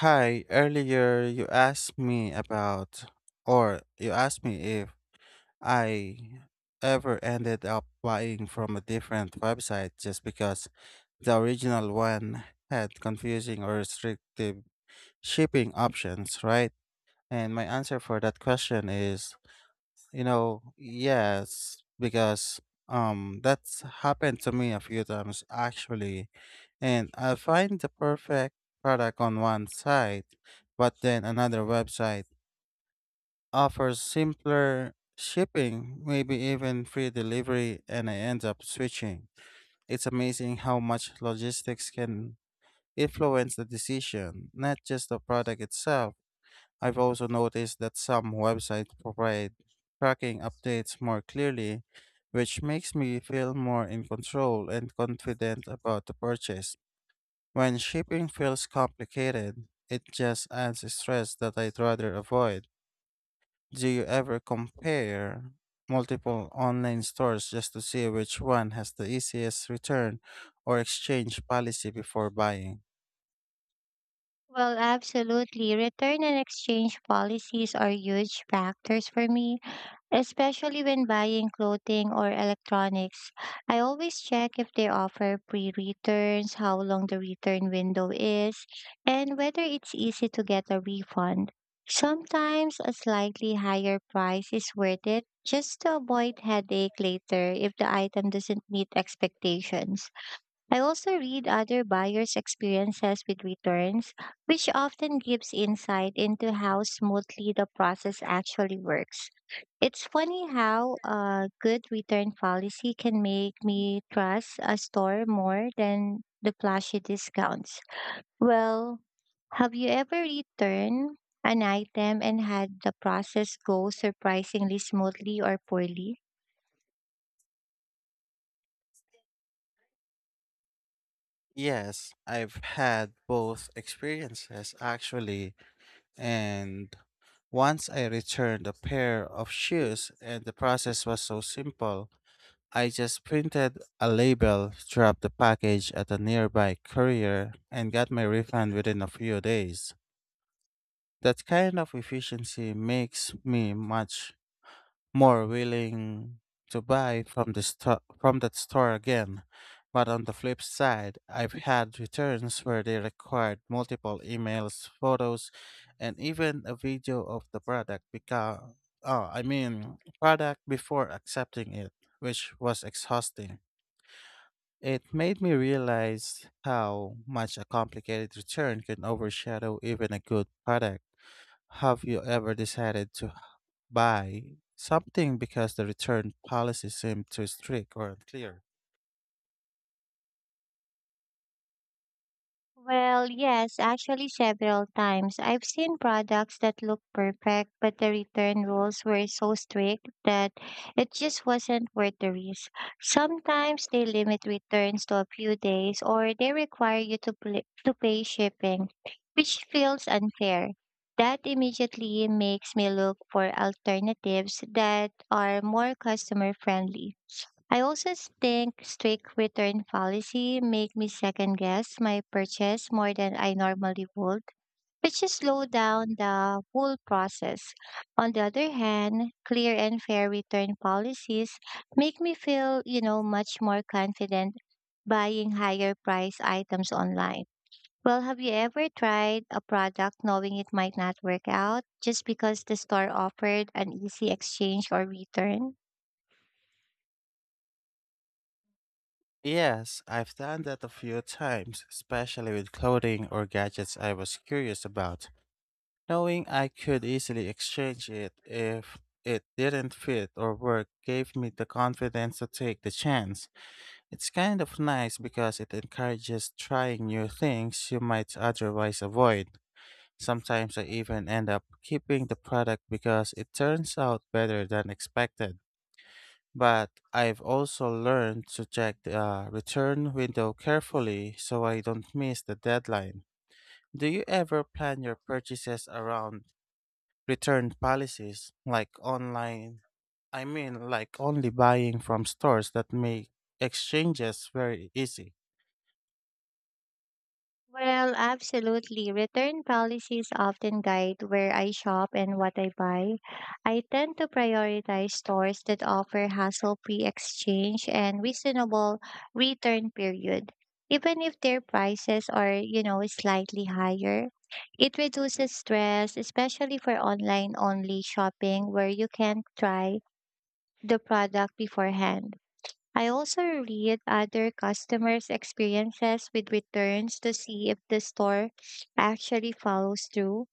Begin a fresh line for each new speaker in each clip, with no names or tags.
Hi, earlier you asked me about, or you asked me if I ever ended up buying from a different website just because the original one had confusing or restrictive shipping options, right? And my answer for that question is yes, because that's happened to me a few times actually, and I find the perfect product on one site, but then another website offers simpler shipping, maybe even free delivery, and I end up switching. It's amazing how much logistics can influence the decision, not just the product itself. I've also noticed that some websites provide tracking updates more clearly, which makes me feel more in control and confident about the purchase. When shipping feels complicated, it just adds stress that I'd rather avoid. Do you ever compare multiple online stores just to see which one has the easiest return or exchange policy before buying?
Well, absolutely. Return and exchange policies are huge factors for me, especially when buying clothing or electronics. I always check if they offer free returns, how long the return window is, and whether it's easy to get a refund. Sometimes a slightly higher price is worth it just to avoid headache later if the item doesn't meet expectations. I also read other buyers' experiences with returns, which often gives insight into how smoothly the process actually works. It's funny how a good return policy can make me trust a store more than the flashy discounts. Well, have you ever returned an item and had the process go surprisingly smoothly or poorly?
Yes, I've had both experiences actually. And once I returned a pair of shoes, and the process was so simple. I just printed a label, dropped the package at a nearby courier, and got my refund within a few days. That kind of efficiency makes me much more willing to buy from the from that store again. But on the flip side, I've had returns where they required multiple emails, photos, and even a video of the product because product before accepting it, which was exhausting. It made me realize how much a complicated return can overshadow even a good product. Have you ever decided to buy something because the return policy seemed too strict or unclear?
Well, yes, actually several times. I've seen products that look perfect, but the return rules were so strict that it just wasn't worth the risk. Sometimes they limit returns to a few days or they require you to pay shipping, which feels unfair. That immediately makes me look for alternatives that are more customer friendly. I also think strict return policy make me second guess my purchase more than I normally would, which is slow down the whole process. On the other hand, clear and fair return policies make me feel, much more confident buying higher price items online. Well, have you ever tried a product knowing it might not work out just because the store offered an easy exchange or return?
Yes, I've done that a few times, especially with clothing or gadgets I was curious about, knowing I could easily exchange it if it didn't fit or work gave me the confidence to take the chance. It's kind of nice because it encourages trying new things you might otherwise avoid. Sometimes I even end up keeping the product because it turns out better than expected. But I've also learned to check the return window carefully so I don't miss the deadline. Do you ever plan your purchases around return policies like online? I mean, like only buying from stores that make exchanges very easy.
Well, absolutely. Return policies often guide where I shop and what I buy. I tend to prioritize stores that offer hassle-free exchange and reasonable return period. Even if their prices are, slightly higher, it reduces stress, especially for online-only shopping where you can try the product beforehand. I also read other customers' experiences with returns to see if the store actually follows through.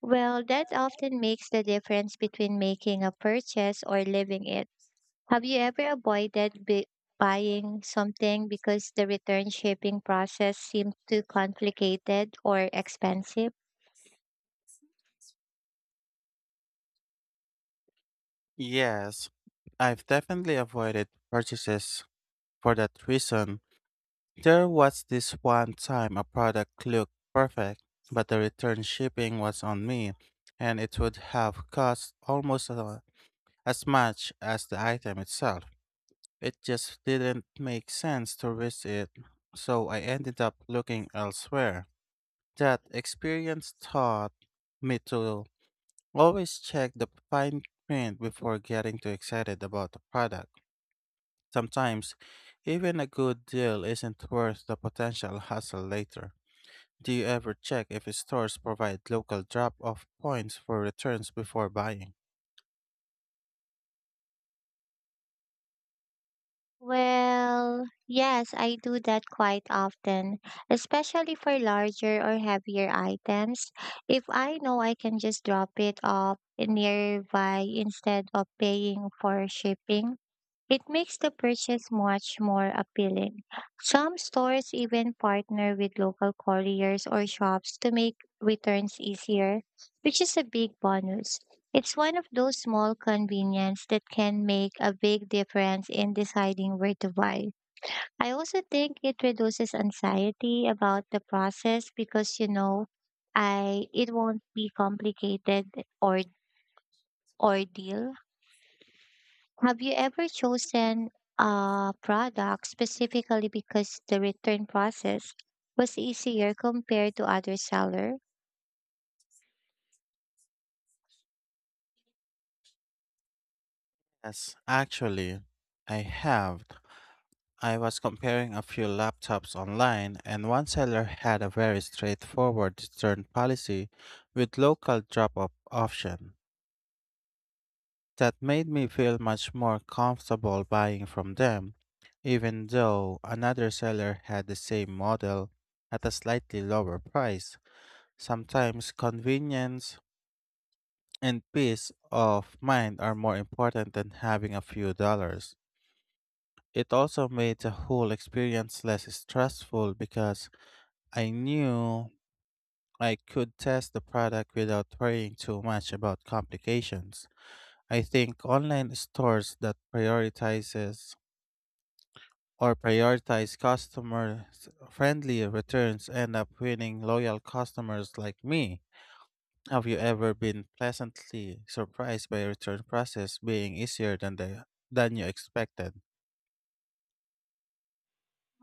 Well, that often makes the difference between making a purchase or leaving it. Have you ever avoided buying something because the return shipping process seemed too complicated or expensive?
Yes, I've definitely avoided purchases for that reason. There was this one time a product looked perfect, but the return shipping was on me, and it would have cost almost as much as the item itself. It just didn't make sense to risk it, so I ended up looking elsewhere. That experience taught me to always check the fine print before getting too excited about a product. Sometimes, even a good deal isn't worth the potential hassle later. Do you ever check if stores provide local drop off points for returns before buying?
Well, yes, I do that quite often, especially for larger or heavier items. If I know I can just drop it off nearby instead of paying for shipping, it makes the purchase much more appealing. Some stores even partner with local couriers or shops to make returns easier, which is a big bonus. It's one of those small convenience that can make a big difference in deciding where to buy. I also think it reduces anxiety about the process because you know I it won't be complicated or ordeal. Have you ever chosen a product specifically because the return process was easier compared to other seller?
Yes, actually, I have. I was comparing a few laptops online, and one seller had a very straightforward return policy with local drop off option. That made me feel much more comfortable buying from them, even though another seller had the same model at a slightly lower price. Sometimes convenience and peace of mind are more important than having a few dollars. It also made the whole experience less stressful because I knew I could test the product without worrying too much about complications. I think online stores that prioritize customer friendly returns end up winning loyal customers like me. Have you ever been pleasantly surprised by a return process being easier than the than you expected?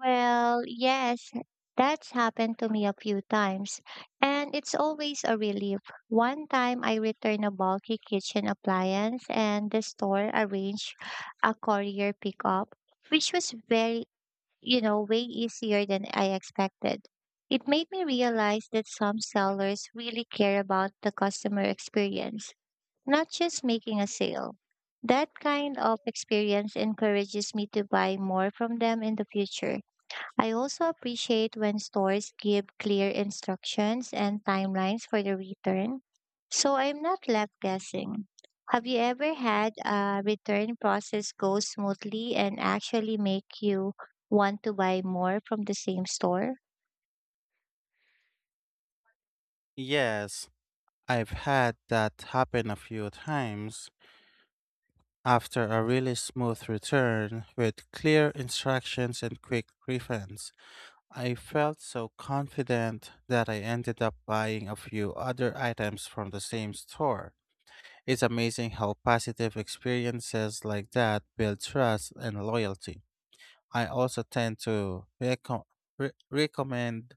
Well, yes, that's happened to me a few times, and it's always a relief. One time I returned a bulky kitchen appliance and the store arranged a courier pickup, which was very, way easier than I expected. It made me realize that some sellers really care about the customer experience, not just making a sale. That kind of experience encourages me to buy more from them in the future. I also appreciate when stores give clear instructions and timelines for the return, so I'm not left guessing. Have you ever had a return process go smoothly and actually make you want to buy more from the same store?
Yes, I've had that happen a few times. After a really smooth return with clear instructions and quick refunds, I felt so confident that I ended up buying a few other items from the same store. It's amazing how positive experiences like that build trust and loyalty. I also tend to recommend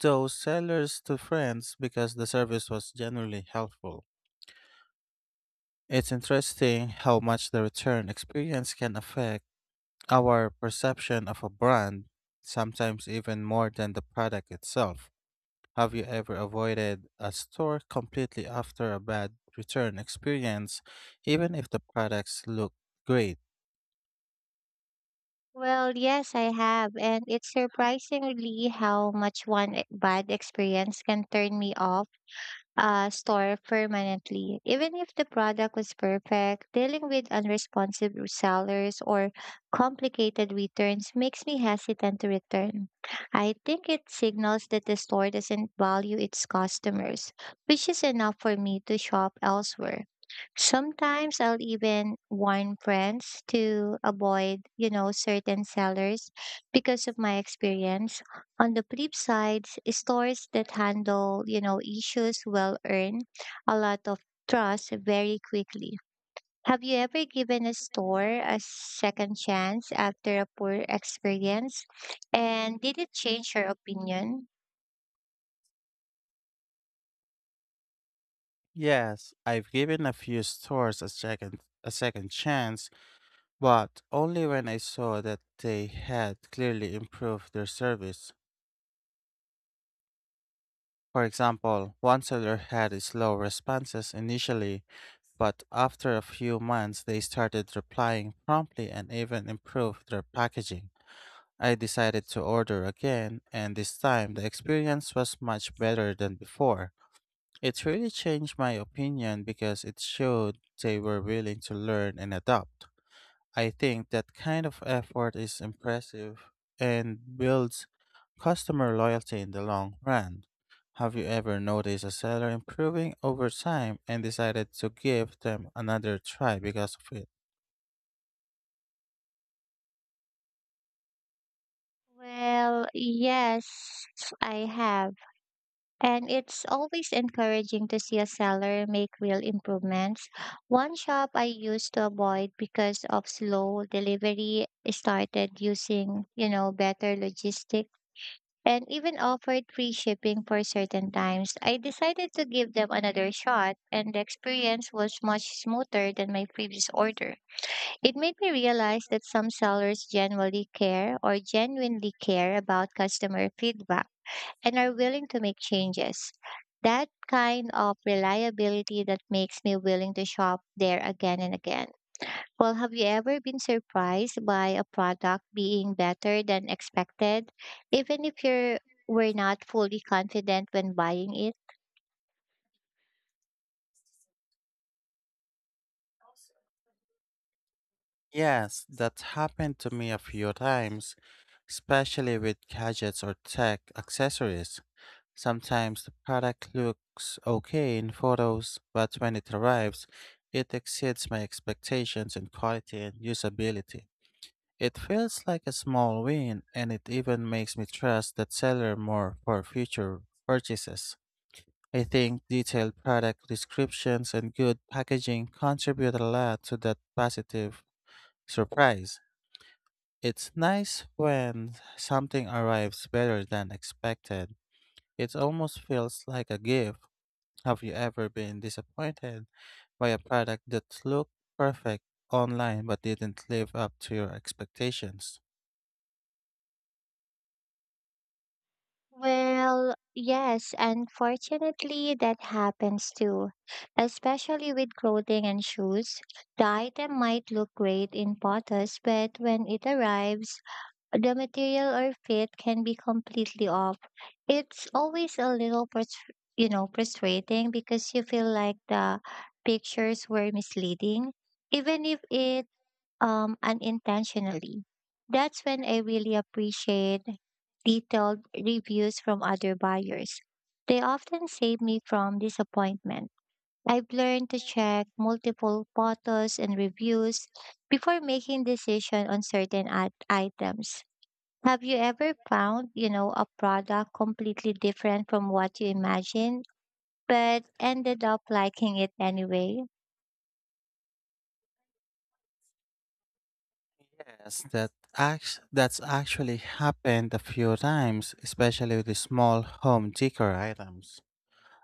those sellers to friends because the service was generally helpful. It's interesting how much the return experience can affect our perception of a brand, sometimes even more than the product itself. Have you ever avoided a store completely after a bad return experience, even if the products look great?
Well, yes, I have, and it's surprisingly how much one bad experience can turn me off store permanently. Even if the product was perfect, dealing with unresponsive sellers or complicated returns makes me hesitant to return. I think it signals that the store doesn't value its customers, which is enough for me to shop elsewhere. Sometimes I'll even warn friends to avoid, certain sellers because of my experience. On the flip side, stores that handle, issues will earn a lot of trust very quickly. Have you ever given a store a second chance after a poor experience? And did it change your opinion?
Yes, I've given a few stores a second chance, but only when I saw that they had clearly improved their service. For example, one seller had slow responses initially, but after a few months they started replying promptly and even improved their packaging. I decided to order again, and this time the experience was much better than before. It really changed my opinion because it showed they were willing to learn and adapt. I think that kind of effort is impressive and builds customer loyalty in the long run. Have you ever noticed a seller improving over time and decided to give them another try because of it?
Well, yes, I have. And it's always encouraging to see a seller make real improvements. One shop I used to avoid because of slow delivery started using, better logistics and even offered free shipping for certain times. I decided to give them another shot, and the experience was much smoother than my previous order. It made me realize that some sellers genuinely care about customer feedback and are willing to make changes. That kind of reliability that makes me willing to shop there again and again. Well, have you ever been surprised by a product being better than expected, even if you were not fully confident when buying it?
Yes, that's happened to me a few times, especially with gadgets or tech accessories. Sometimes the product looks okay in photos, but when it arrives, it exceeds my expectations in quality and usability. It feels like a small win, and it even makes me trust that seller more for future purchases. I think detailed product descriptions and good packaging contribute a lot to that positive surprise. It's nice when something arrives better than expected. It almost feels like a gift. Have you ever been disappointed by a product that looked perfect online but didn't live up to your expectations?
Well, yes, unfortunately, that happens too, especially with clothing and shoes. The item might look great in photos, but when it arrives, the material or fit can be completely off. It's always a little, frustrating because you feel like the pictures were misleading, even if it unintentionally. That's when I really appreciate detailed reviews from other buyers. They often save me from disappointment. I've learned to check multiple photos and reviews before making decision on certain items. Have you ever found, a product completely different from what you imagined, but ended up liking it anyway?
Yes, that's actually happened a few times, especially with the small home decor items.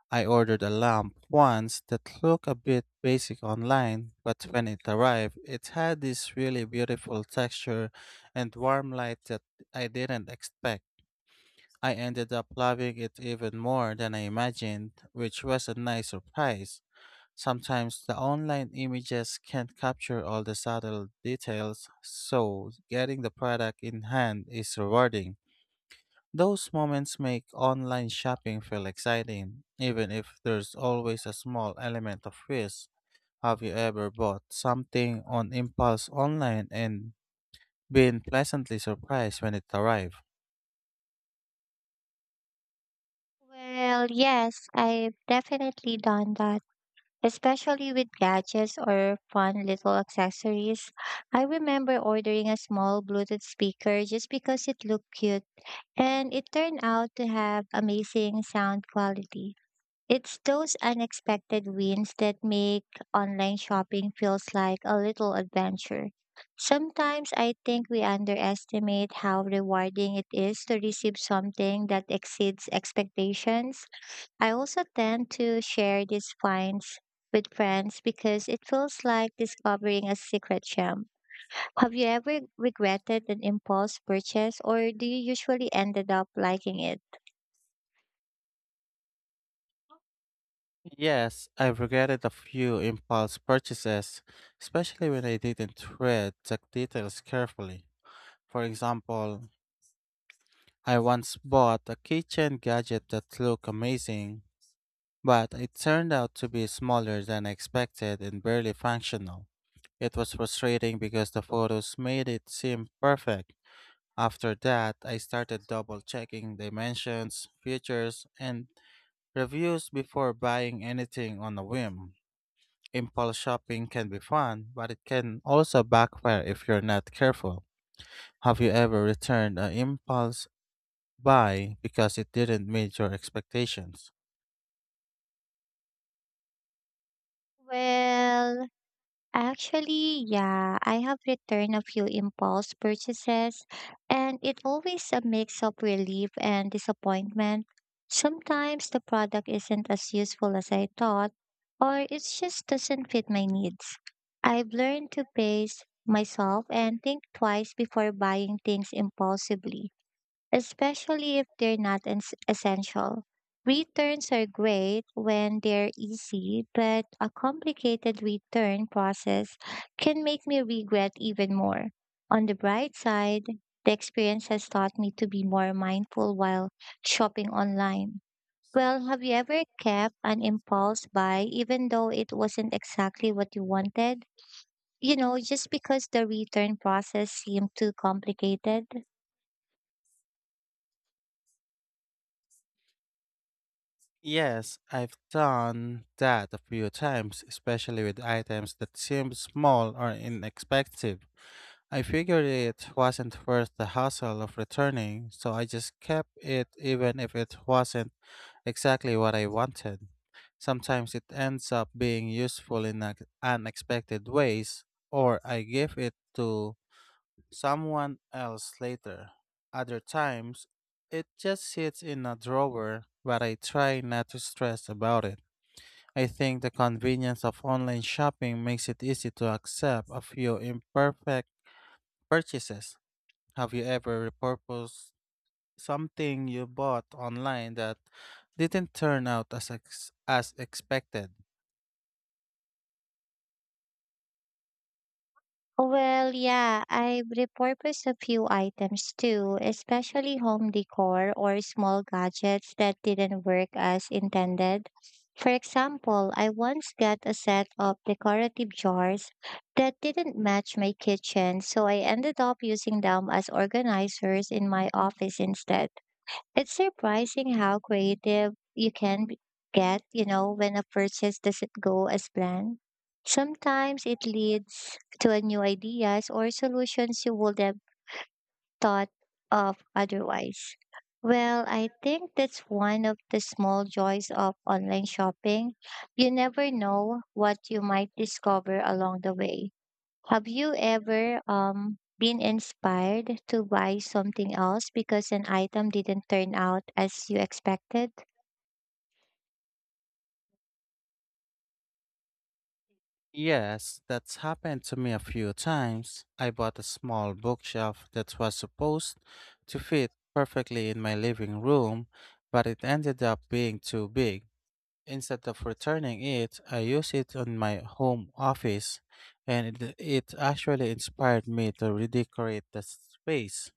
I ordered a lamp once that looked a bit basic online, but when it arrived, it had this really beautiful texture and warm light that I didn't expect. I ended up loving it even more than I imagined, which was a nice surprise. Sometimes the online images can't capture all the subtle details, so getting the product in hand is rewarding. Those moments make online shopping feel exciting, even if there's always a small element of risk. Have you ever bought something on impulse online and been pleasantly surprised when it arrived?
Well, yes, I've definitely done that, especially with gadgets or fun little accessories. I remember ordering a small Bluetooth speaker just because it looked cute, and it turned out to have amazing sound quality. It's those unexpected wins that make online shopping feels like a little adventure. Sometimes I think we underestimate how rewarding it is to receive something that exceeds expectations. I also tend to share these finds with friends because it feels like discovering a secret gem. Have you ever regretted an impulse purchase or do you usually ended up liking it?
Yes, I've regretted a few impulse purchases, especially when I didn't read the details carefully. For example, I once bought a kitchen gadget that looked amazing. But it turned out to be smaller than I expected and barely functional. It was frustrating because the photos made it seem perfect. After that, I started double checking dimensions, features, and reviews before buying anything on a whim. Impulse shopping can be fun, but it can also backfire if you're not careful. Have you ever returned an impulse buy because it didn't meet your expectations?
Well, actually, yeah, I have returned a few impulse purchases, and it always a mix of relief and disappointment. Sometimes the product isn't as useful as I thought, or it just doesn't fit my needs. I've learned to pace myself and think twice before buying things impulsively especially if they're not essential. Returns are great when they're easy, but a complicated return process can make me regret even more. On the bright side, the experience has taught me to be more mindful while shopping online. Well, have you ever kept an impulse buy even though it wasn't exactly what you wanted? You know, just because the return process seemed too complicated?
Yes, I've done that a few times, especially with items that seemed small or inexpensive. I figured it wasn't worth the hassle of returning, so I just kept it even if it wasn't exactly what I wanted. Sometimes it ends up being useful in unexpected ways, or I give it to someone else later. Other times, it just sits in a drawer, but I try not to stress about it. I think the convenience of online shopping makes it easy to accept a few imperfect purchases. Have you ever repurposed something you bought online that didn't turn out as as expected?
Well, yeah, I've repurposed a few items too, especially home decor or small gadgets that didn't work as intended. For example, I once got a set of decorative jars that didn't match my kitchen, so I ended up using them as organizers in my office instead. It's surprising how creative you can get, when a purchase doesn't go as planned. Sometimes it leads to a new ideas or solutions you would have thought of otherwise. Well, I think that's one of the small joys of online shopping. You never know what you might discover along the way. Have you ever been inspired to buy something else because an item didn't turn out as you expected?
Yes, that's happened to me a few times. I bought a small bookshelf that was supposed to fit perfectly in my living room, but it ended up being too big. Instead of returning it, I use it on my home office, and it actually inspired me to redecorate the space.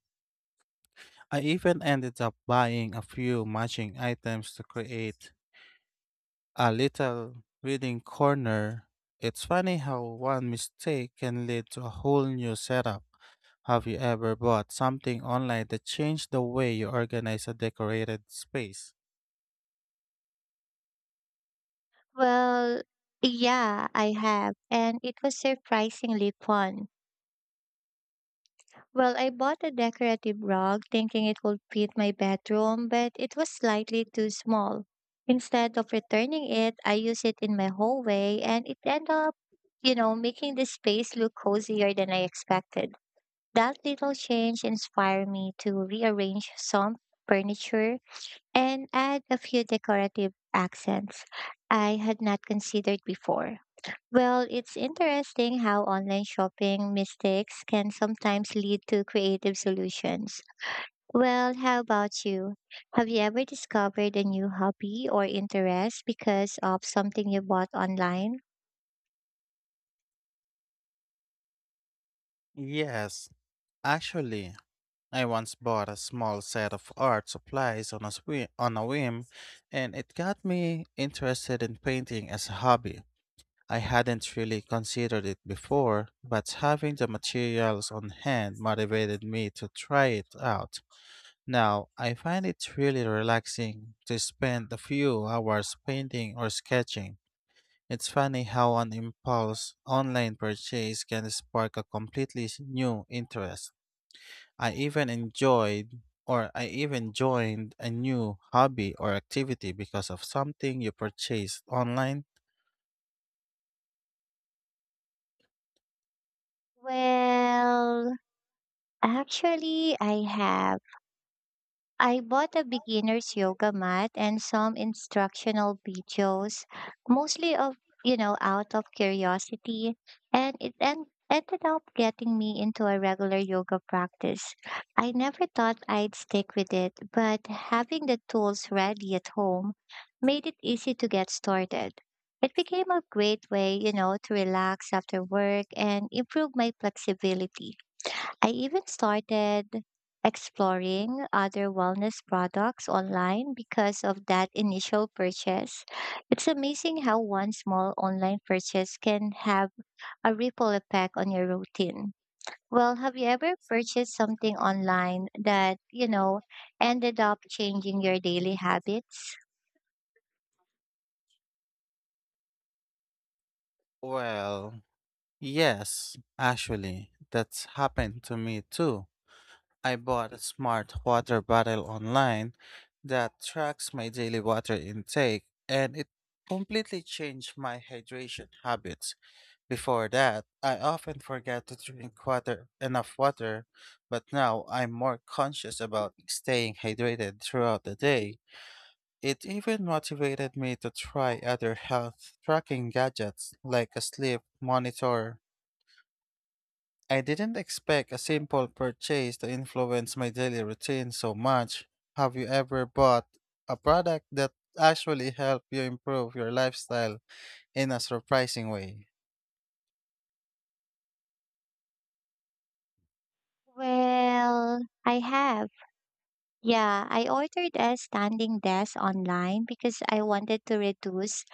I even ended up buying a few matching items to create a little reading corner. It's funny how one mistake can lead to a whole new setup. Have you ever bought something online that changed the way you organize a decorated space?
Well, yeah, I have, and it was surprisingly fun. Well, I bought a decorative rug thinking it would fit my bedroom, but it was slightly too small. Instead of returning it, I used it in my hallway and it ended up, making the space look cozier than I expected. That little change inspired me to rearrange some furniture and add a few decorative accents I had not considered before. Well, it's interesting how online shopping mistakes can sometimes lead to creative solutions. Well, how about you? Have you ever discovered a new hobby or interest because of something you bought online?
Yes, actually, I once bought a small set of art supplies on on a whim, and it got me interested in painting as a hobby. I hadn't really considered it before, but having the materials on hand motivated me to try it out. Now, I find it really relaxing to spend a few hours painting or sketching. It's funny how an impulse online purchase can spark a completely new interest. I even joined a new hobby or activity because of something you purchased online.
Well, actually, I have. I bought a beginner's yoga mat and some instructional videos, mostly of, out of curiosity, and it ended up getting me into a regular yoga practice. I never thought I'd stick with it, but having the tools ready at home made it easy to get started. It became a great way, to relax after work and improve my flexibility. I even started exploring other wellness products online because of that initial purchase. It's amazing how one small online purchase can have a ripple effect on your routine. Well, have you ever purchased something online that, ended up changing your daily habits?
Well, yes, actually, that's happened to me too. I bought a smart water bottle online that tracks my daily water intake and it completely changed my hydration habits. Before that, I often forget to drink water enough water, but now I'm more conscious about staying hydrated throughout the day. It even motivated me to try other health tracking gadgets like a sleep monitor. I didn't expect a simple purchase to influence my daily routine so much. Have you ever bought a product that actually helped you improve your lifestyle in a surprising way?
Well, I have. Yeah, I ordered a standing desk online because I wanted to reduce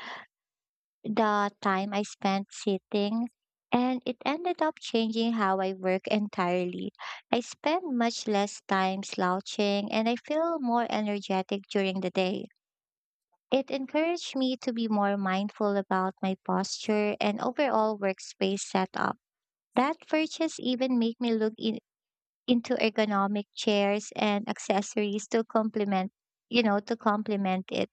the time I spent sitting, and it ended up changing how I work entirely. I spend much less time slouching, and I feel more energetic during the day. It encouraged me to be more mindful about my posture and overall workspace setup. That purchase even made me into ergonomic chairs and accessories to complement it.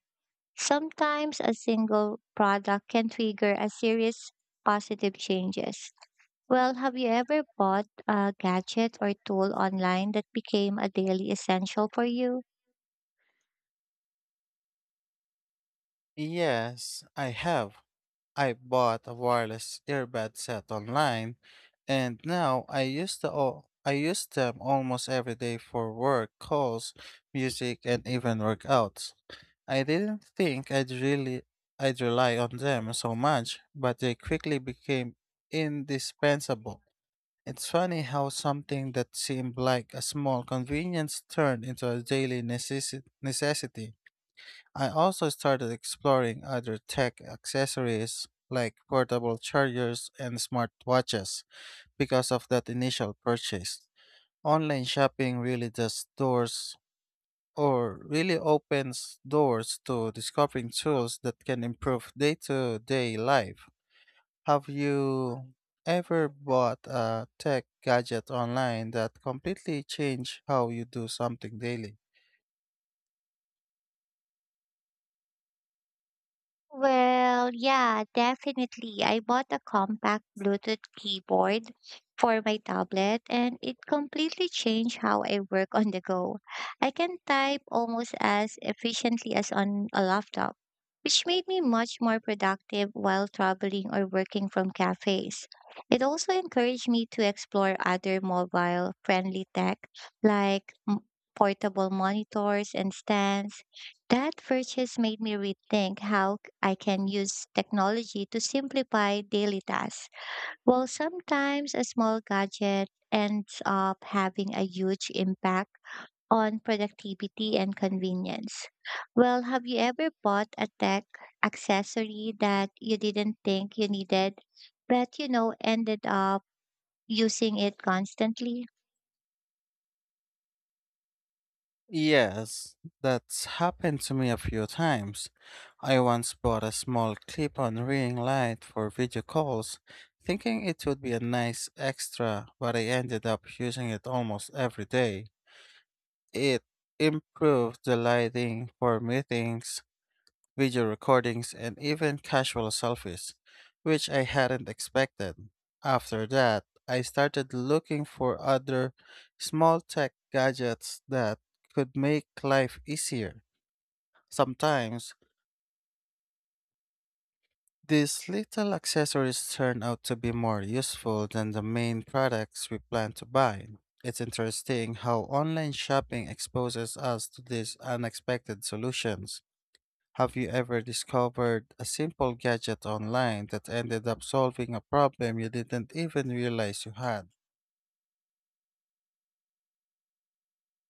Sometimes a single product can trigger a series positive changes. Well, have you ever bought a gadget or tool online that became a daily essential for you?
Yes, I have. I bought a wireless earbud set online and now I use them almost every day for work calls, music and even workouts. I didn't think I'd rely on them so much, but they quickly became indispensable. It's funny how something that seemed like a small convenience turned into a daily necessity. I also started exploring other tech accessories like portable chargers and smartwatches because of that initial purchase. Online shopping really opens doors to discovering tools that can improve day to day life. Have you ever bought a tech gadget online that completely changed how you do something daily?
Well, yeah, definitely. I bought a compact Bluetooth keyboard for my tablet, and it completely changed how I work on the go. I can type almost as efficiently as on a laptop, which made me much more productive while traveling or working from cafes. It also encouraged me to explore other mobile friendly tech like portable monitors and stands. That purchase made me rethink how I can use technology to simplify daily tasks. While sometimes a small gadget ends up having a huge impact on productivity and convenience. Well, have you ever bought a tech accessory that you didn't think you needed, but ended up using it constantly?
Yes, that's happened to me a few times. I once bought a small clip on ring light for video calls, thinking it would be a nice extra, but I ended up using it almost every day. It improved the lighting for meetings, video recordings, and even casual selfies, which I hadn't expected. After that, I started looking for other small tech gadgets that could make life easier. Sometimes, these little accessories turn out to be more useful than the main products we plan to buy. It's interesting how online shopping exposes us to these unexpected solutions. Have you ever discovered a simple gadget online that ended up solving a problem you didn't even realize you had?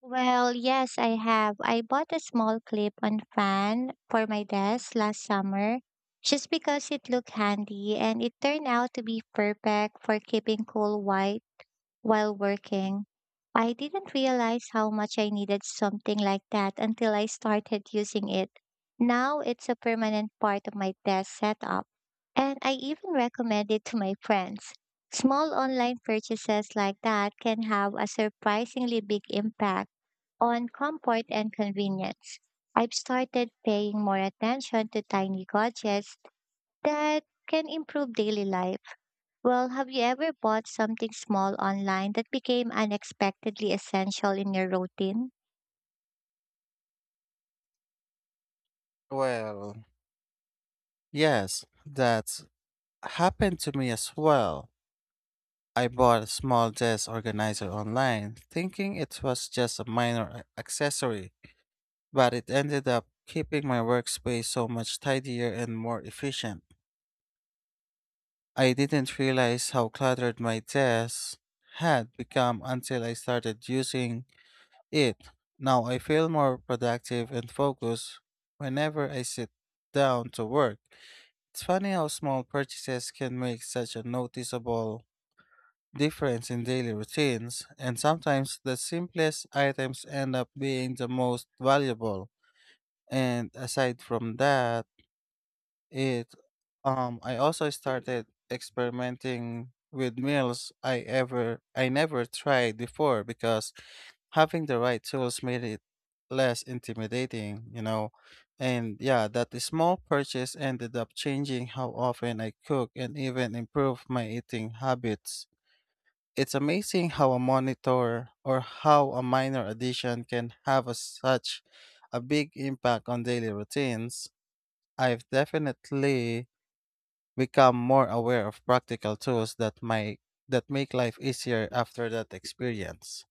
Well, yes, I have. I bought a small clip on fan for my desk last summer just because it looked handy and it turned out to be perfect for keeping cool white while working. I didn't realize how much I needed something like that until I started using it. Now it's a permanent part of my desk setup, and I even recommend it to my friends. Small online purchases like that can have a surprisingly big impact on comfort and convenience. I've started paying more attention to tiny gadgets that can improve daily life. Well, have you ever bought something small online that became unexpectedly essential in your routine?
Well, yes, that's happened to me as well. I bought a small desk organizer online, thinking it was just a minor accessory, but it ended up keeping my workspace so much tidier and more efficient. I didn't realize how cluttered my desk had become until I started using it. Now I feel more productive and focused whenever I sit down to work. It's funny how small purchases can make such a noticeable difference in daily routines, and sometimes the simplest items end up being the most valuable. And aside from that, it I also started experimenting with meals I never tried before because having the right tools made it less intimidating, you know. And yeah, that small purchase ended up changing how often I cook and even improve my eating habits. It's amazing how a monitor or how a minor addition can have such a big impact on daily routines. I've definitely become more aware of practical tools that make life easier after that experience.